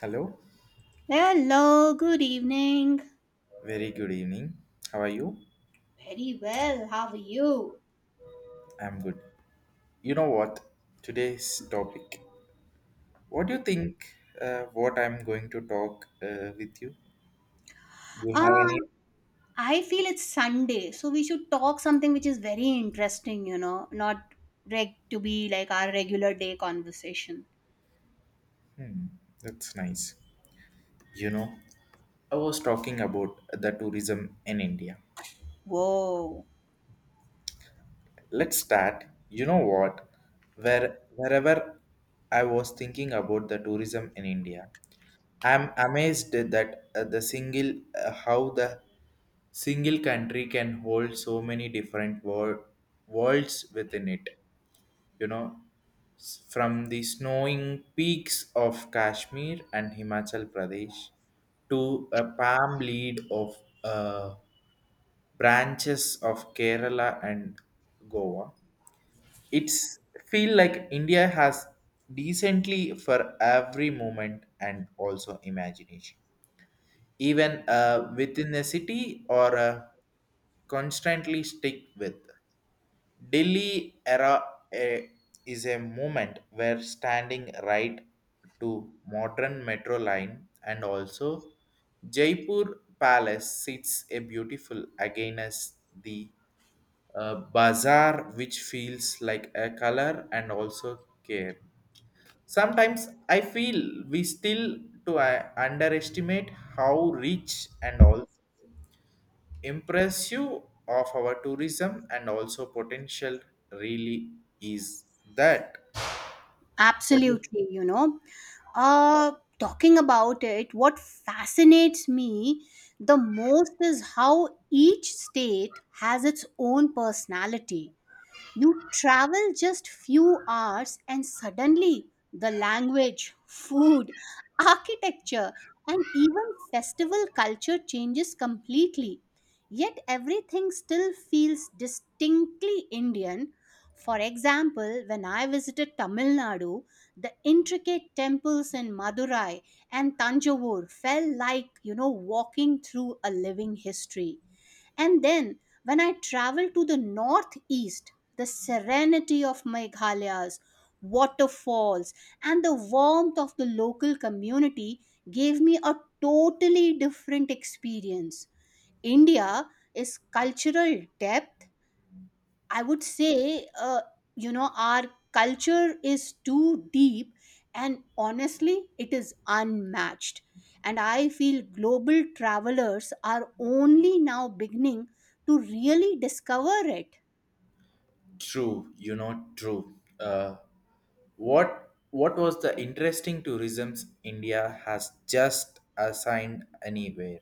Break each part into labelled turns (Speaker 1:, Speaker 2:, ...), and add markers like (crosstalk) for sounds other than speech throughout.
Speaker 1: Hello,
Speaker 2: Hello, good evening.
Speaker 1: very good evening. How are you?
Speaker 2: Very well. How are you?
Speaker 1: I'm good. You know what? Today's topic. What do you think? What I'm going to talk with you? Do you have any?
Speaker 2: Um, I feel it's Sunday, so we should talk something which is very interesting, you know, not reg to be like our regular day conversation.
Speaker 1: Hmm, that's nice. You know, I was talking about the tourism in India.
Speaker 2: Whoa.
Speaker 1: Let's start. You know what? Wherever I was thinking about the tourism in India, I'm amazed that the single how the single country can hold so many different worlds within it. You know, from the snowing peaks of Kashmir and Himachal Pradesh to a palm lead of uh, branches of Kerala and Goa. It's feel like India has decently for every moment and also imagination even within a city or constantly stick with. Delhi era eh, is a movement where standing right to modern metro line and also Jaipur Palace sits a beautiful again as the bazaar which feels like a color and also care. Sometimes I feel we still to underestimate how rich and also impressive of our tourism and also potential really is that what is
Speaker 2: Absolutely, you know. Uh, Talking about it, what fascinates me the most is how each state has its own personality. You travel just few hours and suddenly the language, food, architecture, and even festival culture changes completely. Yet everything still feels distinctly Indian. For example, when I visited Tamil Nadu, the intricate temples in Madurai and Tanjavur felt like, you know, walking through a living history. And then, when I travel to the northeast, the serenity of Meghalaya's waterfalls and the warmth of the local community gave me a totally different experience. India is cultural depth, I would say, you know, our culture is too deep and honestly, it is unmatched. And I feel global travelers are only now beginning to really discover it.
Speaker 1: true. You know, true. What was the interesting tourism's India has just assigned anywhere.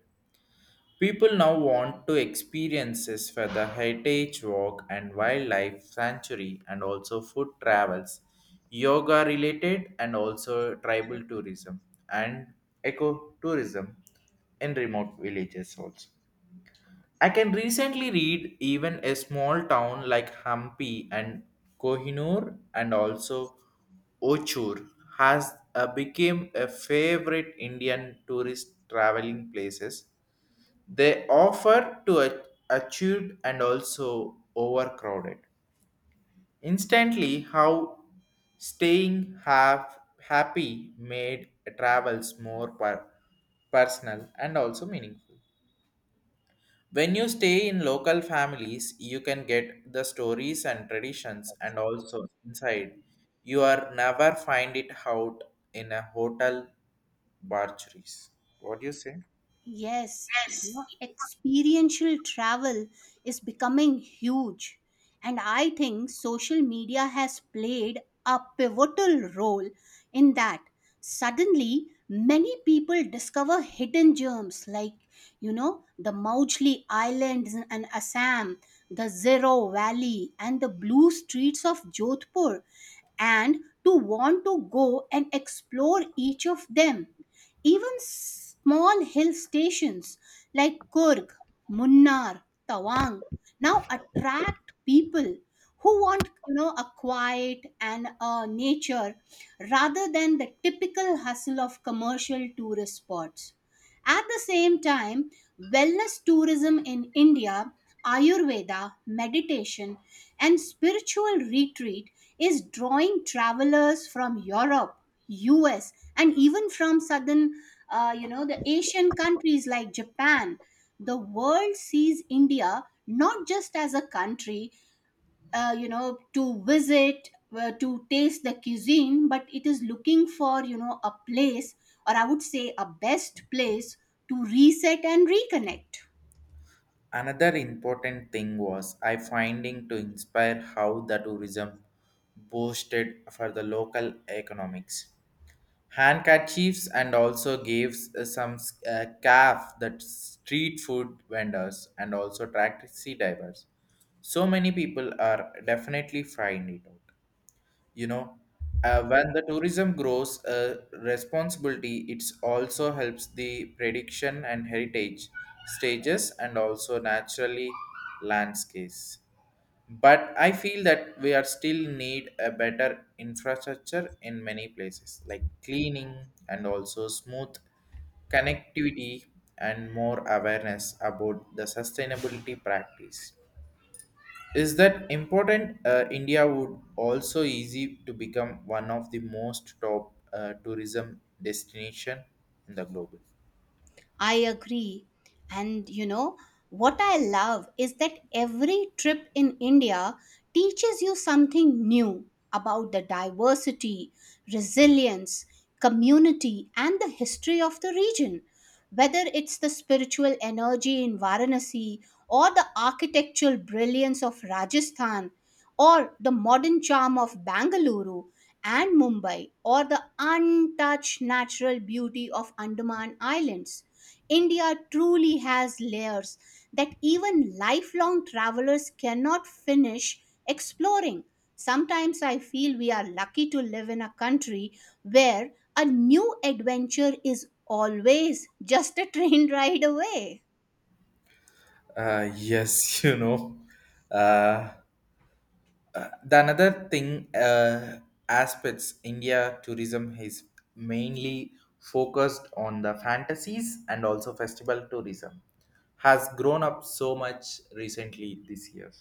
Speaker 1: People now want to experiences for the heritage walk and wildlife sanctuary and also food travels, yoga related and also tribal tourism and ecotourism in remote villages also. I can recently read even a small town like Hampi and Kohinoor and also Ochur has became a favorite Indian tourist traveling places they offer to achieved and also overcrowded. Instantly, how staying half happy made travels more personal and also meaningful. When you stay in local families, you can get the stories and traditions and also inside. You are never find it out in a hotel barcheries. What do you say?
Speaker 2: Yes, you know, experiential travel is becoming huge. And I think social media has played a pivotal role in that. Suddenly, many people discover hidden gems like, you know, the Mauchly Islands and Assam, the Zero Valley, and the blue streets of Jodhpur and to want to go and explore each of them. Even small hill stations like Kurg, Munnar, Tawang now attract people who want, you know, a quiet and a nature rather than the typical hustle of commercial tourist spots. At the same time, wellness tourism in India, Ayurveda, meditation, and spiritual retreat is drawing travelers from Europe, US, and even from southern, you know, the Asian countries like Japan. The world sees India not just as a country you know, to visit to taste the cuisine, but it is looking for, you know, a place, or I would say a best place, to reset and reconnect.
Speaker 1: Another important thing was I finding to inspire how the tourism boosted for the local economics. Handkerchiefs and also gives some calf that street food vendors and also taxi drivers. So many people are definitely find it out, you know, when the tourism grows responsibility it also helps the prediction and heritage stages and also naturally landscapes but I feel that we are still need a better infrastructure in many places like cleaning and also smooth connectivity and more awareness about the sustainability practice is that important? India would also easy to become one of the most top tourism destination in the globe.
Speaker 2: I agree. And you know, what I love is that every trip in India teaches you something new about the diversity, resilience, community, and the history of the region. Whether it's the spiritual energy in Varanasi, or the architectural brilliance of Rajasthan, or the modern charm of Bangalore and Mumbai, or the untouched natural beauty of Andaman Islands, India truly has layers that even lifelong travelers cannot finish exploring. Sometimes I feel we are lucky to live in a country where a new adventure is always just a (laughs) train ride away.
Speaker 1: Yes, (laughs) you know. Uh, the another thing, aspects India tourism is mainly focused on the fantasies and also festival tourism has grown up so much recently this year.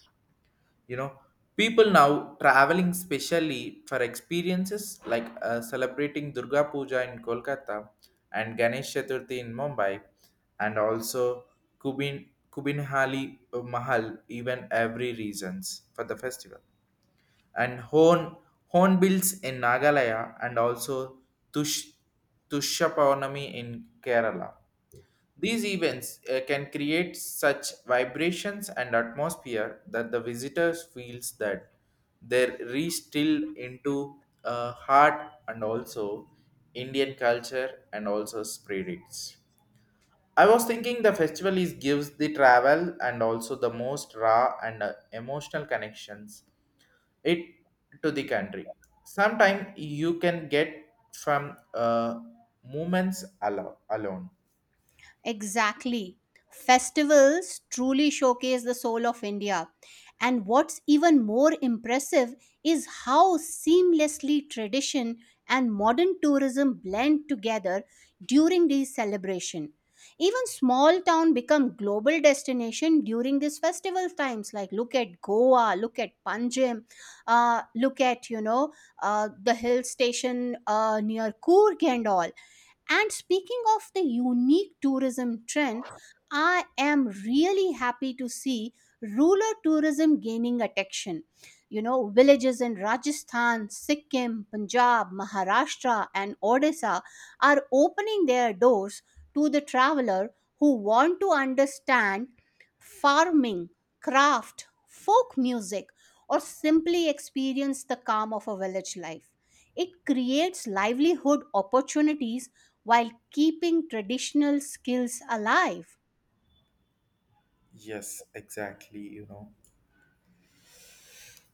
Speaker 1: You know, people now traveling specially for experiences like celebrating Durga Puja in Kolkata and Ganesh Chaturthi in Mumbai and also kubin Kubinhali mahal even every reasons for the festival and hornbills in Nagalaya and also tush Tushapavnami in Kerala. These events can create such vibrations and atmosphere that the visitors feels that they're re-still into heart and also Indian culture and also spirits. I was thinking the festival is gives the travel and also the most raw and emotional connections it to the country. Sometimes you can get from uh, moments alone.
Speaker 2: Exactly. Festivals truly showcase the soul of India. And what's even more impressive is how seamlessly tradition and modern tourism blend together during these celebrations. Even small town become global destination during these festival times. Like look at Goa, look at Panjim, look at, you know, the hill station near Coorg and all. And speaking of the unique tourism trend, I am really happy to see rural tourism gaining attention. You know, villages in Rajasthan, Sikkim, Punjab, Maharashtra, and Odisha are opening their doors to the traveler who want to understand farming, craft, folk music, or simply experience the calm of a village life. It creates livelihood opportunities while keeping traditional skills alive.
Speaker 1: Yes, exactly. You know,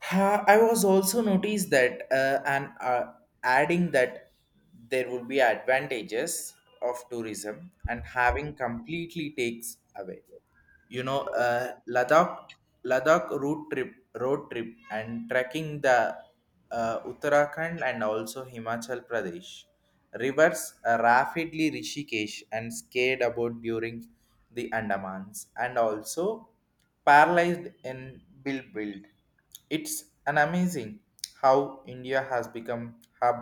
Speaker 1: I was also noticed that, and adding that there would be advantages of tourism and having completely takes away, you know, Ladakh Ladakh road trip and trekking the Uttarakhand and also Himachal Pradesh rivers, rapidly Rishikesh and scared about during the Andamans and also paralyzed in Bilbil. It's an amazing how India has become hub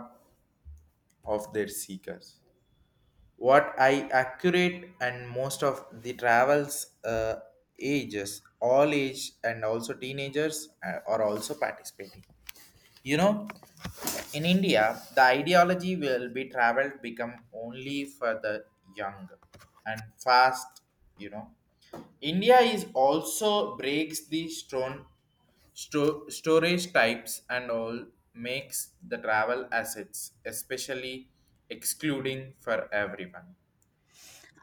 Speaker 1: of their seekers what I accurate and most of the travels, ages, all age and also teenagers are also participating. You know, in India, the ideology will be traveled become only for the young and fast. You know, India is also breaks the stone storage types and all makes the travel assets especially excluding for everyone.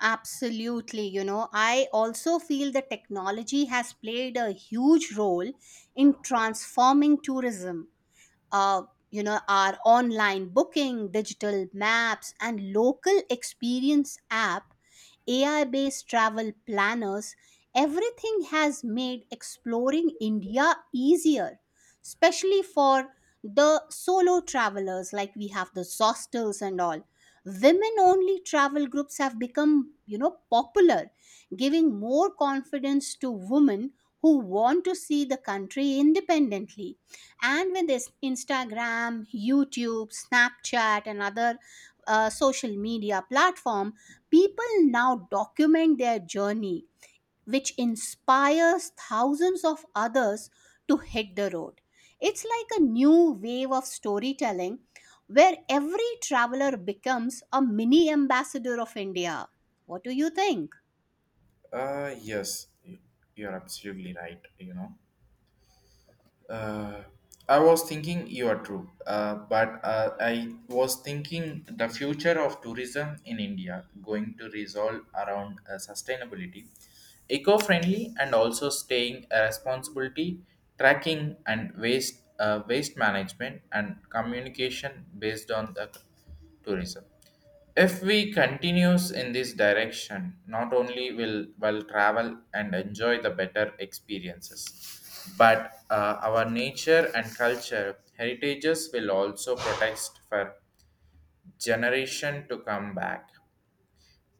Speaker 2: Absolutely. You know, I also feel the technology has played a huge role in transforming tourism. uh, you know, our online booking, digital maps, and local experience app, AI based travel planners, everything has made exploring India easier, especially for the solo travelers. Like we have the zostels and all, women only travel groups have become, you know, popular, giving more confidence to women who want to see the country independently. And with this Instagram, YouTube, Snapchat, and other social media platform, people now document their journey, which inspires thousands of others to hit the road. It's like a new wave of storytelling where every traveler becomes a mini ambassador of India. What do you think?
Speaker 1: Uh, yes, y- you're absolutely right. You know, uh, I was thinking you are true, but I was thinking the future of tourism in India going to resolve around sustainability, eco-friendly, and also staying a responsibility, tracking and waste management and communication based on the tourism. If we continues in this direction, not only will travel and enjoy the better experiences, but our nature and culture heritages will also protect for generation to come back.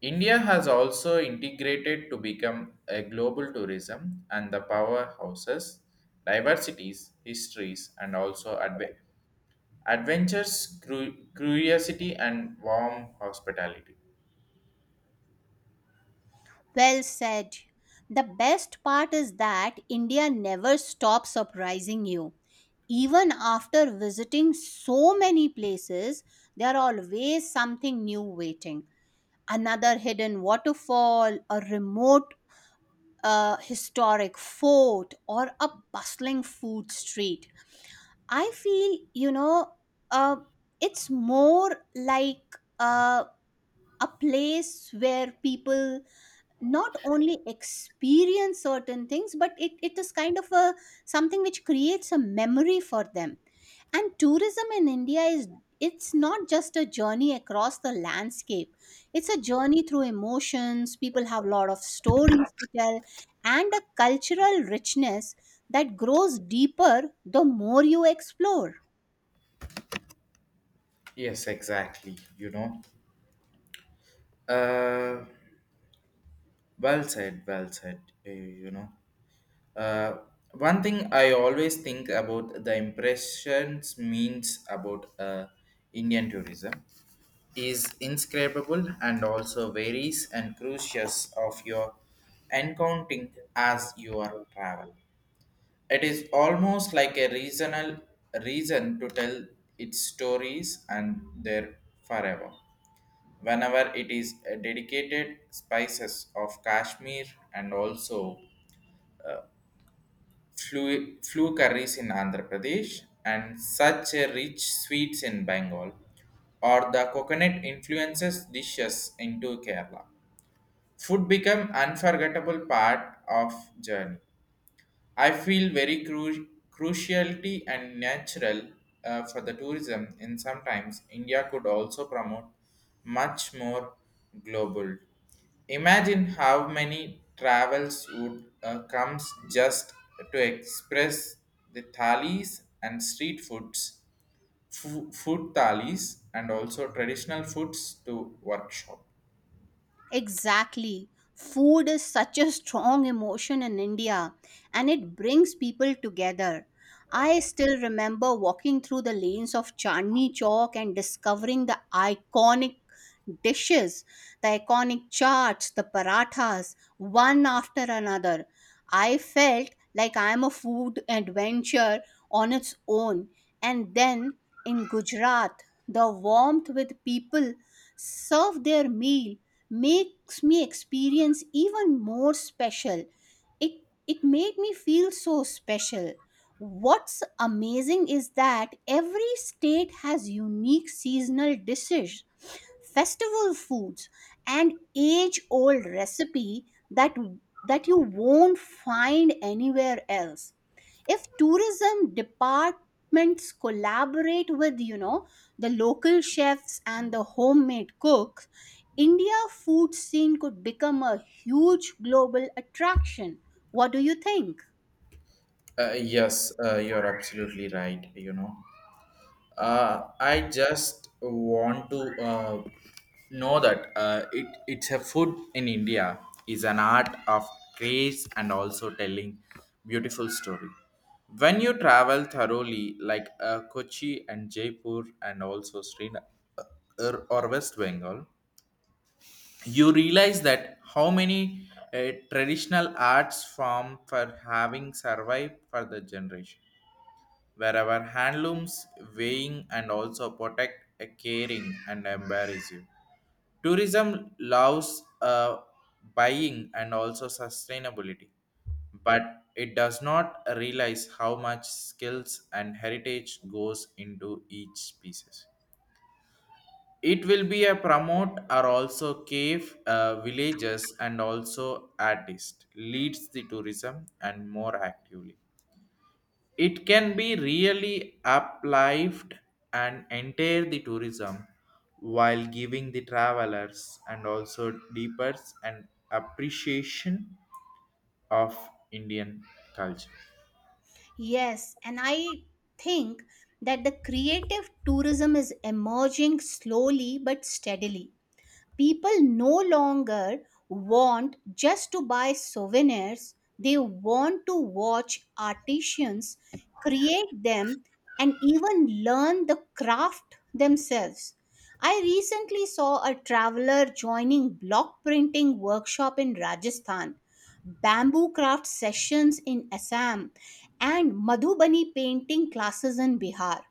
Speaker 1: India has also integrated to become a global tourism and the powerhouses, diversities, histories, and also adventures, curiosity, and warm hospitality.
Speaker 2: Well said. The best part is that India never stops surprising you. Even after visiting so many places, there are always something new waiting. Another hidden waterfall, a remote historic fort, or a bustling food street. I feel, you know, uh, it's more like, uh, a place where people not only experience certain things but it is kind of a something which creates a memory for them. And tourism in India is, it's not just a journey across the landscape, it's a journey through emotions. People have a lot of stories to tell and a cultural richness that grows deeper the more you explore.
Speaker 1: Yes, exactly. You know, uh, well said, well said. You know, uh, one thing I always think about the impressions means about Indian tourism is inscribable and also varies and crucious of your encountering as your travel. It is almost like a reason to tell its stories and their forever. Whenever it is a dedicated spices of Kashmir and also flu curries in Andhra Pradesh and such a rich sweets in Bengal or the coconut influences dishes into Kerala. Food become unforgettable part of journey. I feel very cruciality and natural for the tourism, and sometimes India could also promote much more global. Imagine how many travels would comes just to express the thalis and street foods, food thalis, and also traditional foods to workshop.
Speaker 2: Exactly. Food is such a strong emotion in India and it brings people together. I still remember walking through the lanes of Chandni Chowk and discovering the iconic dishes, the iconic chaats, the parathas, one after another. I felt like I am a food adventure on its own. And then in Gujarat, the warmth with people serve their meal makes me experience even more special. It it made me feel so special. What's amazing is that every state has unique seasonal dishes, festival foods, and age old recipe that you won't find anywhere else. If tourism departments collaborate with, you know, the local chefs and the homemade cooks, India food scene could become a huge global attraction. What do you think?
Speaker 1: Yes, you're absolutely right. You know, I just want to know that it's a food in India is an art of grace and also telling beautiful story. When you travel thoroughly, like Kochi and Jaipur and also Srinagar or West Bengal, you realize that how many traditional arts form for having survived for the generation wherever handlooms weighing and also protect a caring and embarrass you. Tourism loves buying and also sustainability, but it does not realize how much skills and heritage goes into each pieces. It will be a promote or also cave villages and also artist leads the tourism and more actively it can be really uplifted and enter the tourism while giving the travelers and also deeper an appreciation of Indian culture.
Speaker 2: Yes, and I think that the creative tourism is emerging slowly but steadily. People no longer want just to buy souvenirs, they want to watch artisans create them and even learn the craft themselves. I recently saw a traveler joining block printing workshop in Rajasthan, bamboo craft sessions in Assam, and Madhubani painting classes in Bihar.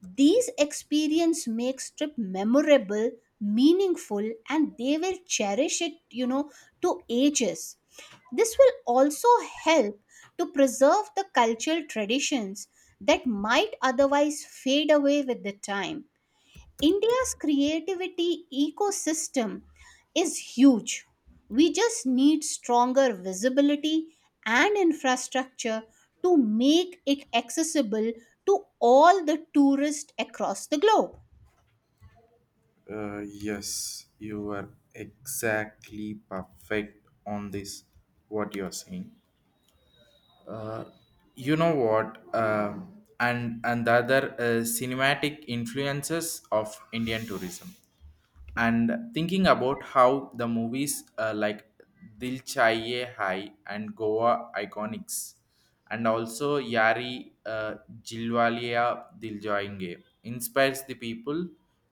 Speaker 2: These experience makes trip memorable, meaningful, and they will cherish it, you know, to ages. This will also help to preserve the cultural traditions that might otherwise fade away with the time. India's creativity ecosystem is huge. We just need stronger visibility and infrastructure to make it accessible to all the tourists across the globe.
Speaker 1: Yes, you are exactly perfect on this. What you are saying, uh, you know what, And the other cinematic influences of Indian tourism. And thinking about how the movies like Dil Chahiye Hai and Goa Iconics and also Yari, Jilwalia Dil Jayenge inspires the people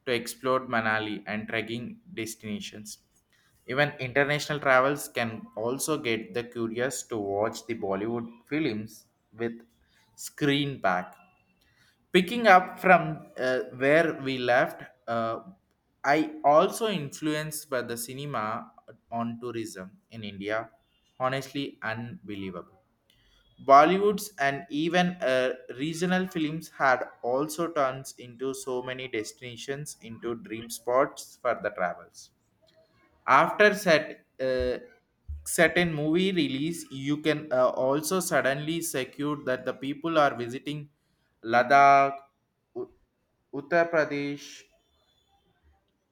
Speaker 1: to explore Manali and trekking destinations. Even international travels can also get the curious to watch the Bollywood films with screen pack. Picking up from where we left, uh, I also influenced by the cinema on tourism in India. Honestly, unbelievable. Bollywoods and even regional films had also turned into so many destinations into dream spots for the travels after set certain movie release you can also suddenly secure that the people are visiting Ladakh, U- Uttar Pradesh,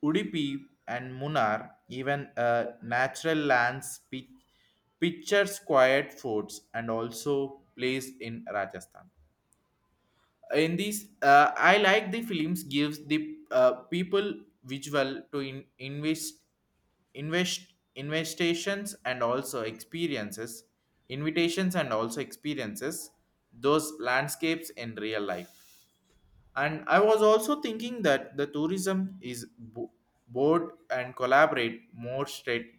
Speaker 1: Udupi and Munnar, even natural lands pictures quiet forts and also place in Rajasthan. In these I like the films gives the people visual to in- invest invest investations and also experiences invitations and also experiences those landscapes in real life and I was also thinking that the tourism is board and collaborate more straight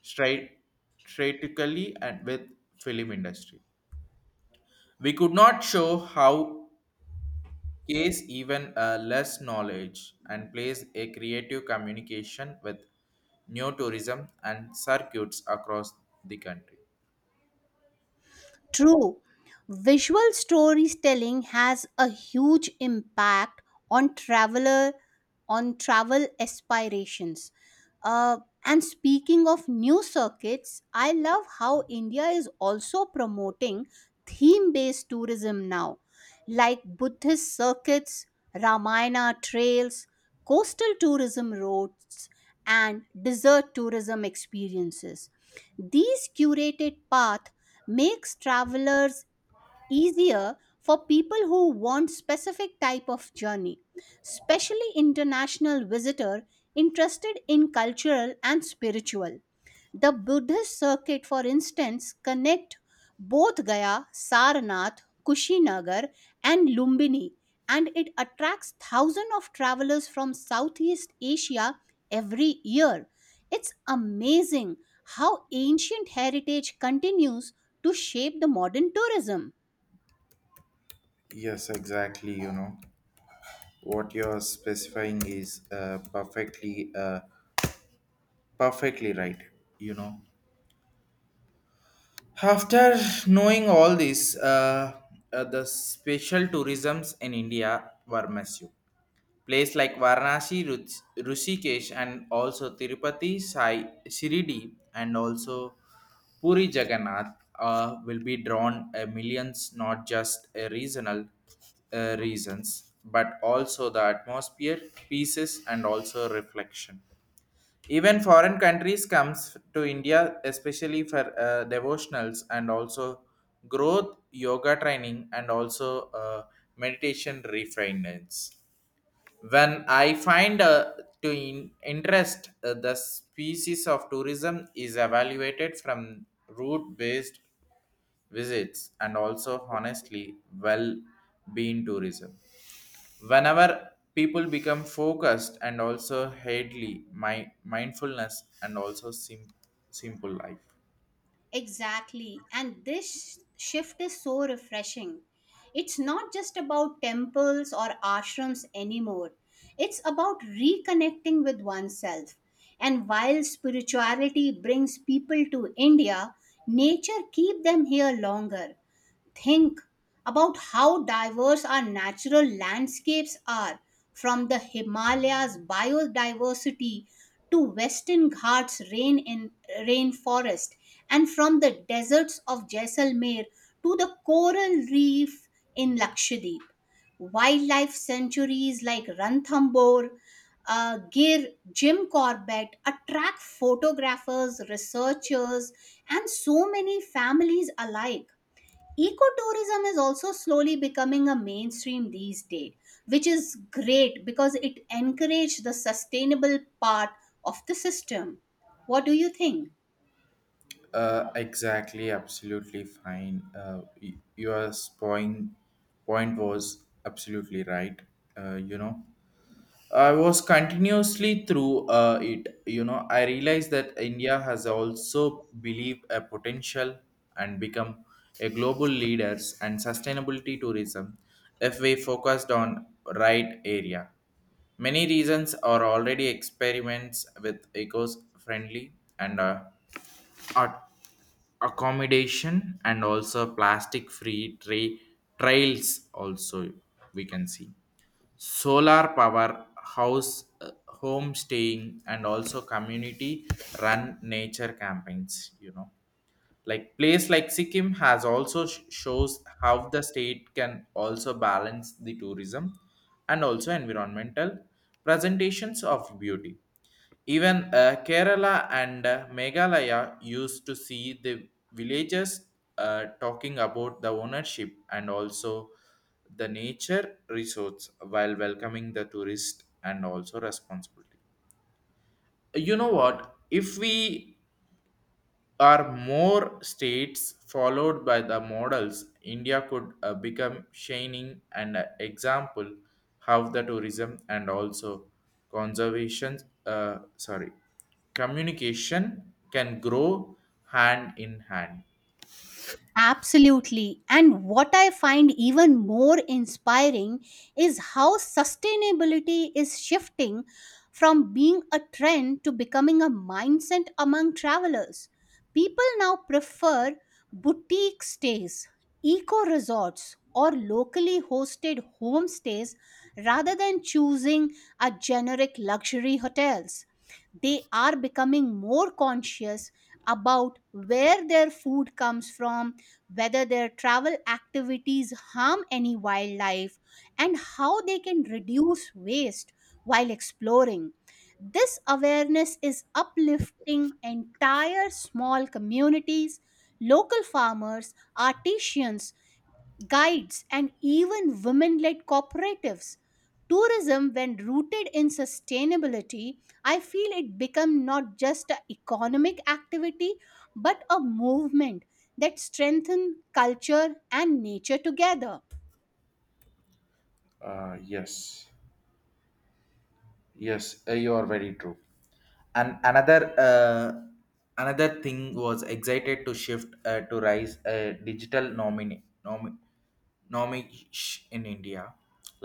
Speaker 1: straight strategically and with film industry we could not show how case even less knowledge and plays a creative communication with new tourism and circuits across the country.
Speaker 2: True. Visual storytelling has a huge impact on traveler on travel aspirations. Uh, and speaking of new circuits, I love how India is also promoting theme based tourism now, like Buddhist circuits, Ramayana trails, coastal tourism roads, and desert tourism experiences. These curated paths makes travelers easier for people who want specific type of journey, especially international visitor interested in cultural and spiritual. The Buddhist circuit, for instance, connect both Gaya, Sarnath, Kushinagar, and Lumbini, and it attracts thousands of travelers from Southeast Asia every year. It's amazing how ancient heritage continues to shape the modern tourism.
Speaker 1: Yes, exactly. You know what you're specifying is perfectly right. You know, after knowing all this, the special tourisms in India were massive. Places like Varanasi, Rishikesh, and also Tirupati, Sai, Shirdi, and also Puri Jagannath will be drawn millions, not just regional reasons, but also the atmosphere, pieces, and also reflection. Even foreign countries comes to India, especially for devotionals and also growth, yoga training, and also meditation refinements when I find to interest the species of tourism is evaluated from route based visits and also honestly well being tourism whenever people become focused and also headly my mindfulness and also simple life.
Speaker 2: Exactly. And this shift is so refreshing. It's not just about temples or ashrams anymore, it's about reconnecting with oneself. And while spirituality brings people to India, nature keep them here longer. Think about how diverse our natural landscapes are, from the Himalayas biodiversity to Western Ghats rainforest and from the deserts of Jaisalmer to the coral reef in Lakshadweep. Wildlife sanctuaries like Ranthambore, Gir, Jim Corbett attract photographers, researchers, and so many families alike. Ecotourism is also slowly becoming a mainstream these days, which is great because it encourages the sustainable part of the system. What do you think?
Speaker 1: Exactly, absolutely fine. Your point point was absolutely right. You know, I was continuously through it. You know, I realized that India has also believed a potential and become a global leaders and sustainability tourism if we focused on right area. Many reasons are already experiments with eco-friendly and art accommodation and also plastic-free trails also we can see solar power house home staying and also community run nature campaigns, you know, like place like Sikkim has also shows how the state can also balance the tourism and also environmental presentations of beauty even Kerala and Meghalaya used to see the villagers talking about the ownership and also the nature resorts while welcoming the tourist and also responsibility. You know what? If we are more states followed by the models, India could become shining an example how the tourism and also conservation, sorry, communication can grow hand in hand.
Speaker 2: Absolutely. And what I find even more inspiring is how sustainability is shifting from being a trend to becoming a mindset among travelers. People now prefer boutique stays, eco resorts, or locally hosted homestays rather than choosing a generic luxury hotels. They are becoming more conscious about where their food comes from, whether their travel activities harm any wildlife, and how they can reduce waste while exploring. This awareness is uplifting entire small communities, local farmers, artisans, guides, and even women led cooperatives. Tourism, when rooted in sustainability, I feel it become not just an economic activity but a movement that strengthens culture and nature together.
Speaker 1: Yes, yes, you are very true. And another thing was excited to shift to rise a digital nomish in India,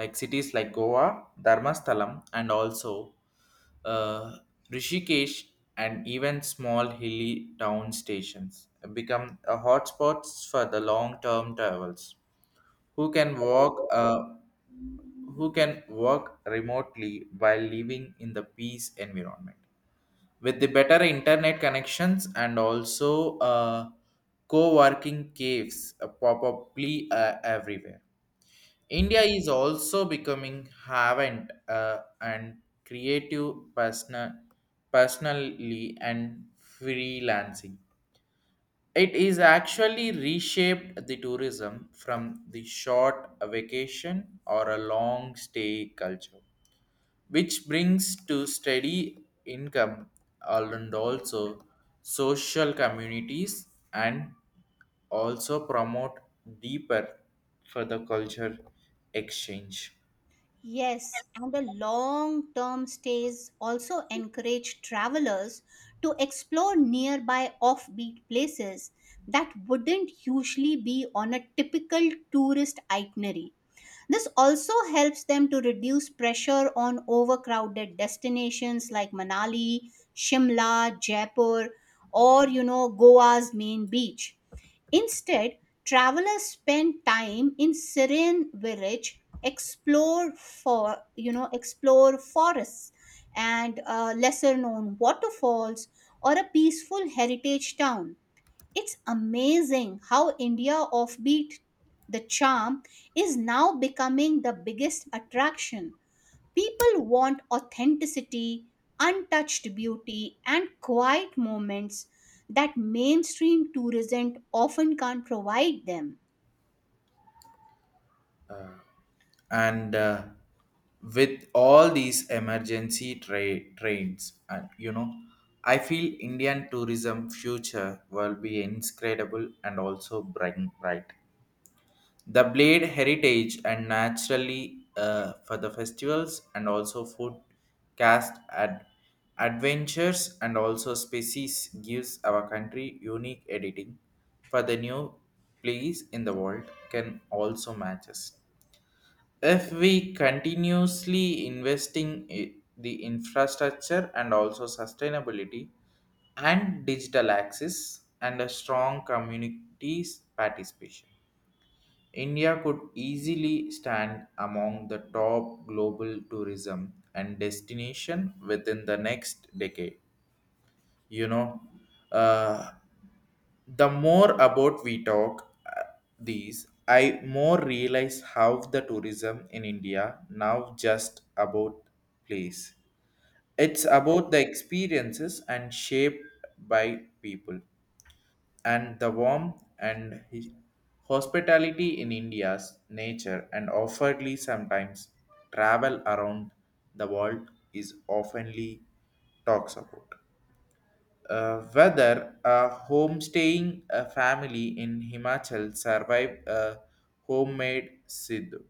Speaker 1: like cities like Goa, Dharmasthalam and also uh, Rishikesh and even small hilly town stations become a hotspots for the long term travels who can who can work remotely while living in the peace environment with the better internet connections and also co-working caves probably everywhere. India is also becoming havent and creative personal personally and freelancing. It is actually reshaped the tourism from the short vacation or a long stay culture which brings to steady income and also social communities and also promote deeper for the culture exchange.
Speaker 2: Yes, and the long term stays also encourage travelers to explore nearby offbeat places that wouldn't usually be on a typical tourist itinerary. This also helps them to reduce pressure on overcrowded destinations like Manali, Shimla, Jaipur, or you know Goa's main beach. Instead, travelers spend time in serene village, explore forests and lesser known waterfalls or a peaceful heritage town. It's amazing how India Offbeat, the charm, is now becoming the biggest attraction. People want authenticity, untouched beauty, and quiet moments that mainstream tourism often can't provide them.
Speaker 1: And with all these emergency trains and you know I feel Indian tourism future will be incredible and also bright the blade heritage and naturally for the festivals and also food cast adventures and also species gives our country unique editing for the new place in the world can also match us if we continuously investing the infrastructure and also sustainability and digital access and a strong communities participation. India could easily stand among the top global tourism and destination within the next decade. You know, uh, the more about we talk these, I more realize how the tourism in India now just about place. It's about the experiences and shaped by people and the warmth and hospitality in India's nature and offeredly sometimes travel around the world is oftenly talks about. Whether a homestaying a family in Himachal survived a homemade Sidhu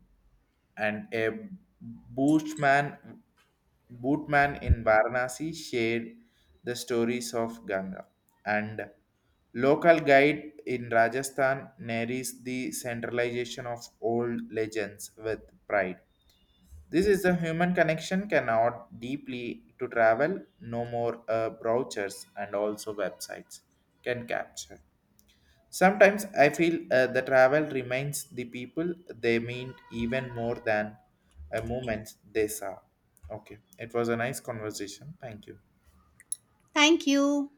Speaker 1: and a bootman, bootman in Varanasi shared the stories of Ganga. And local guide in Rajasthan narrates the centralization of old legends with pride. This is a human connection cannot deeply to travel, no more brochures and also websites can capture. Sometimes I feel the travel reminds the people they mean even more than a moment they saw. Okay, it was a nice conversation. Thank you.
Speaker 2: Thank you.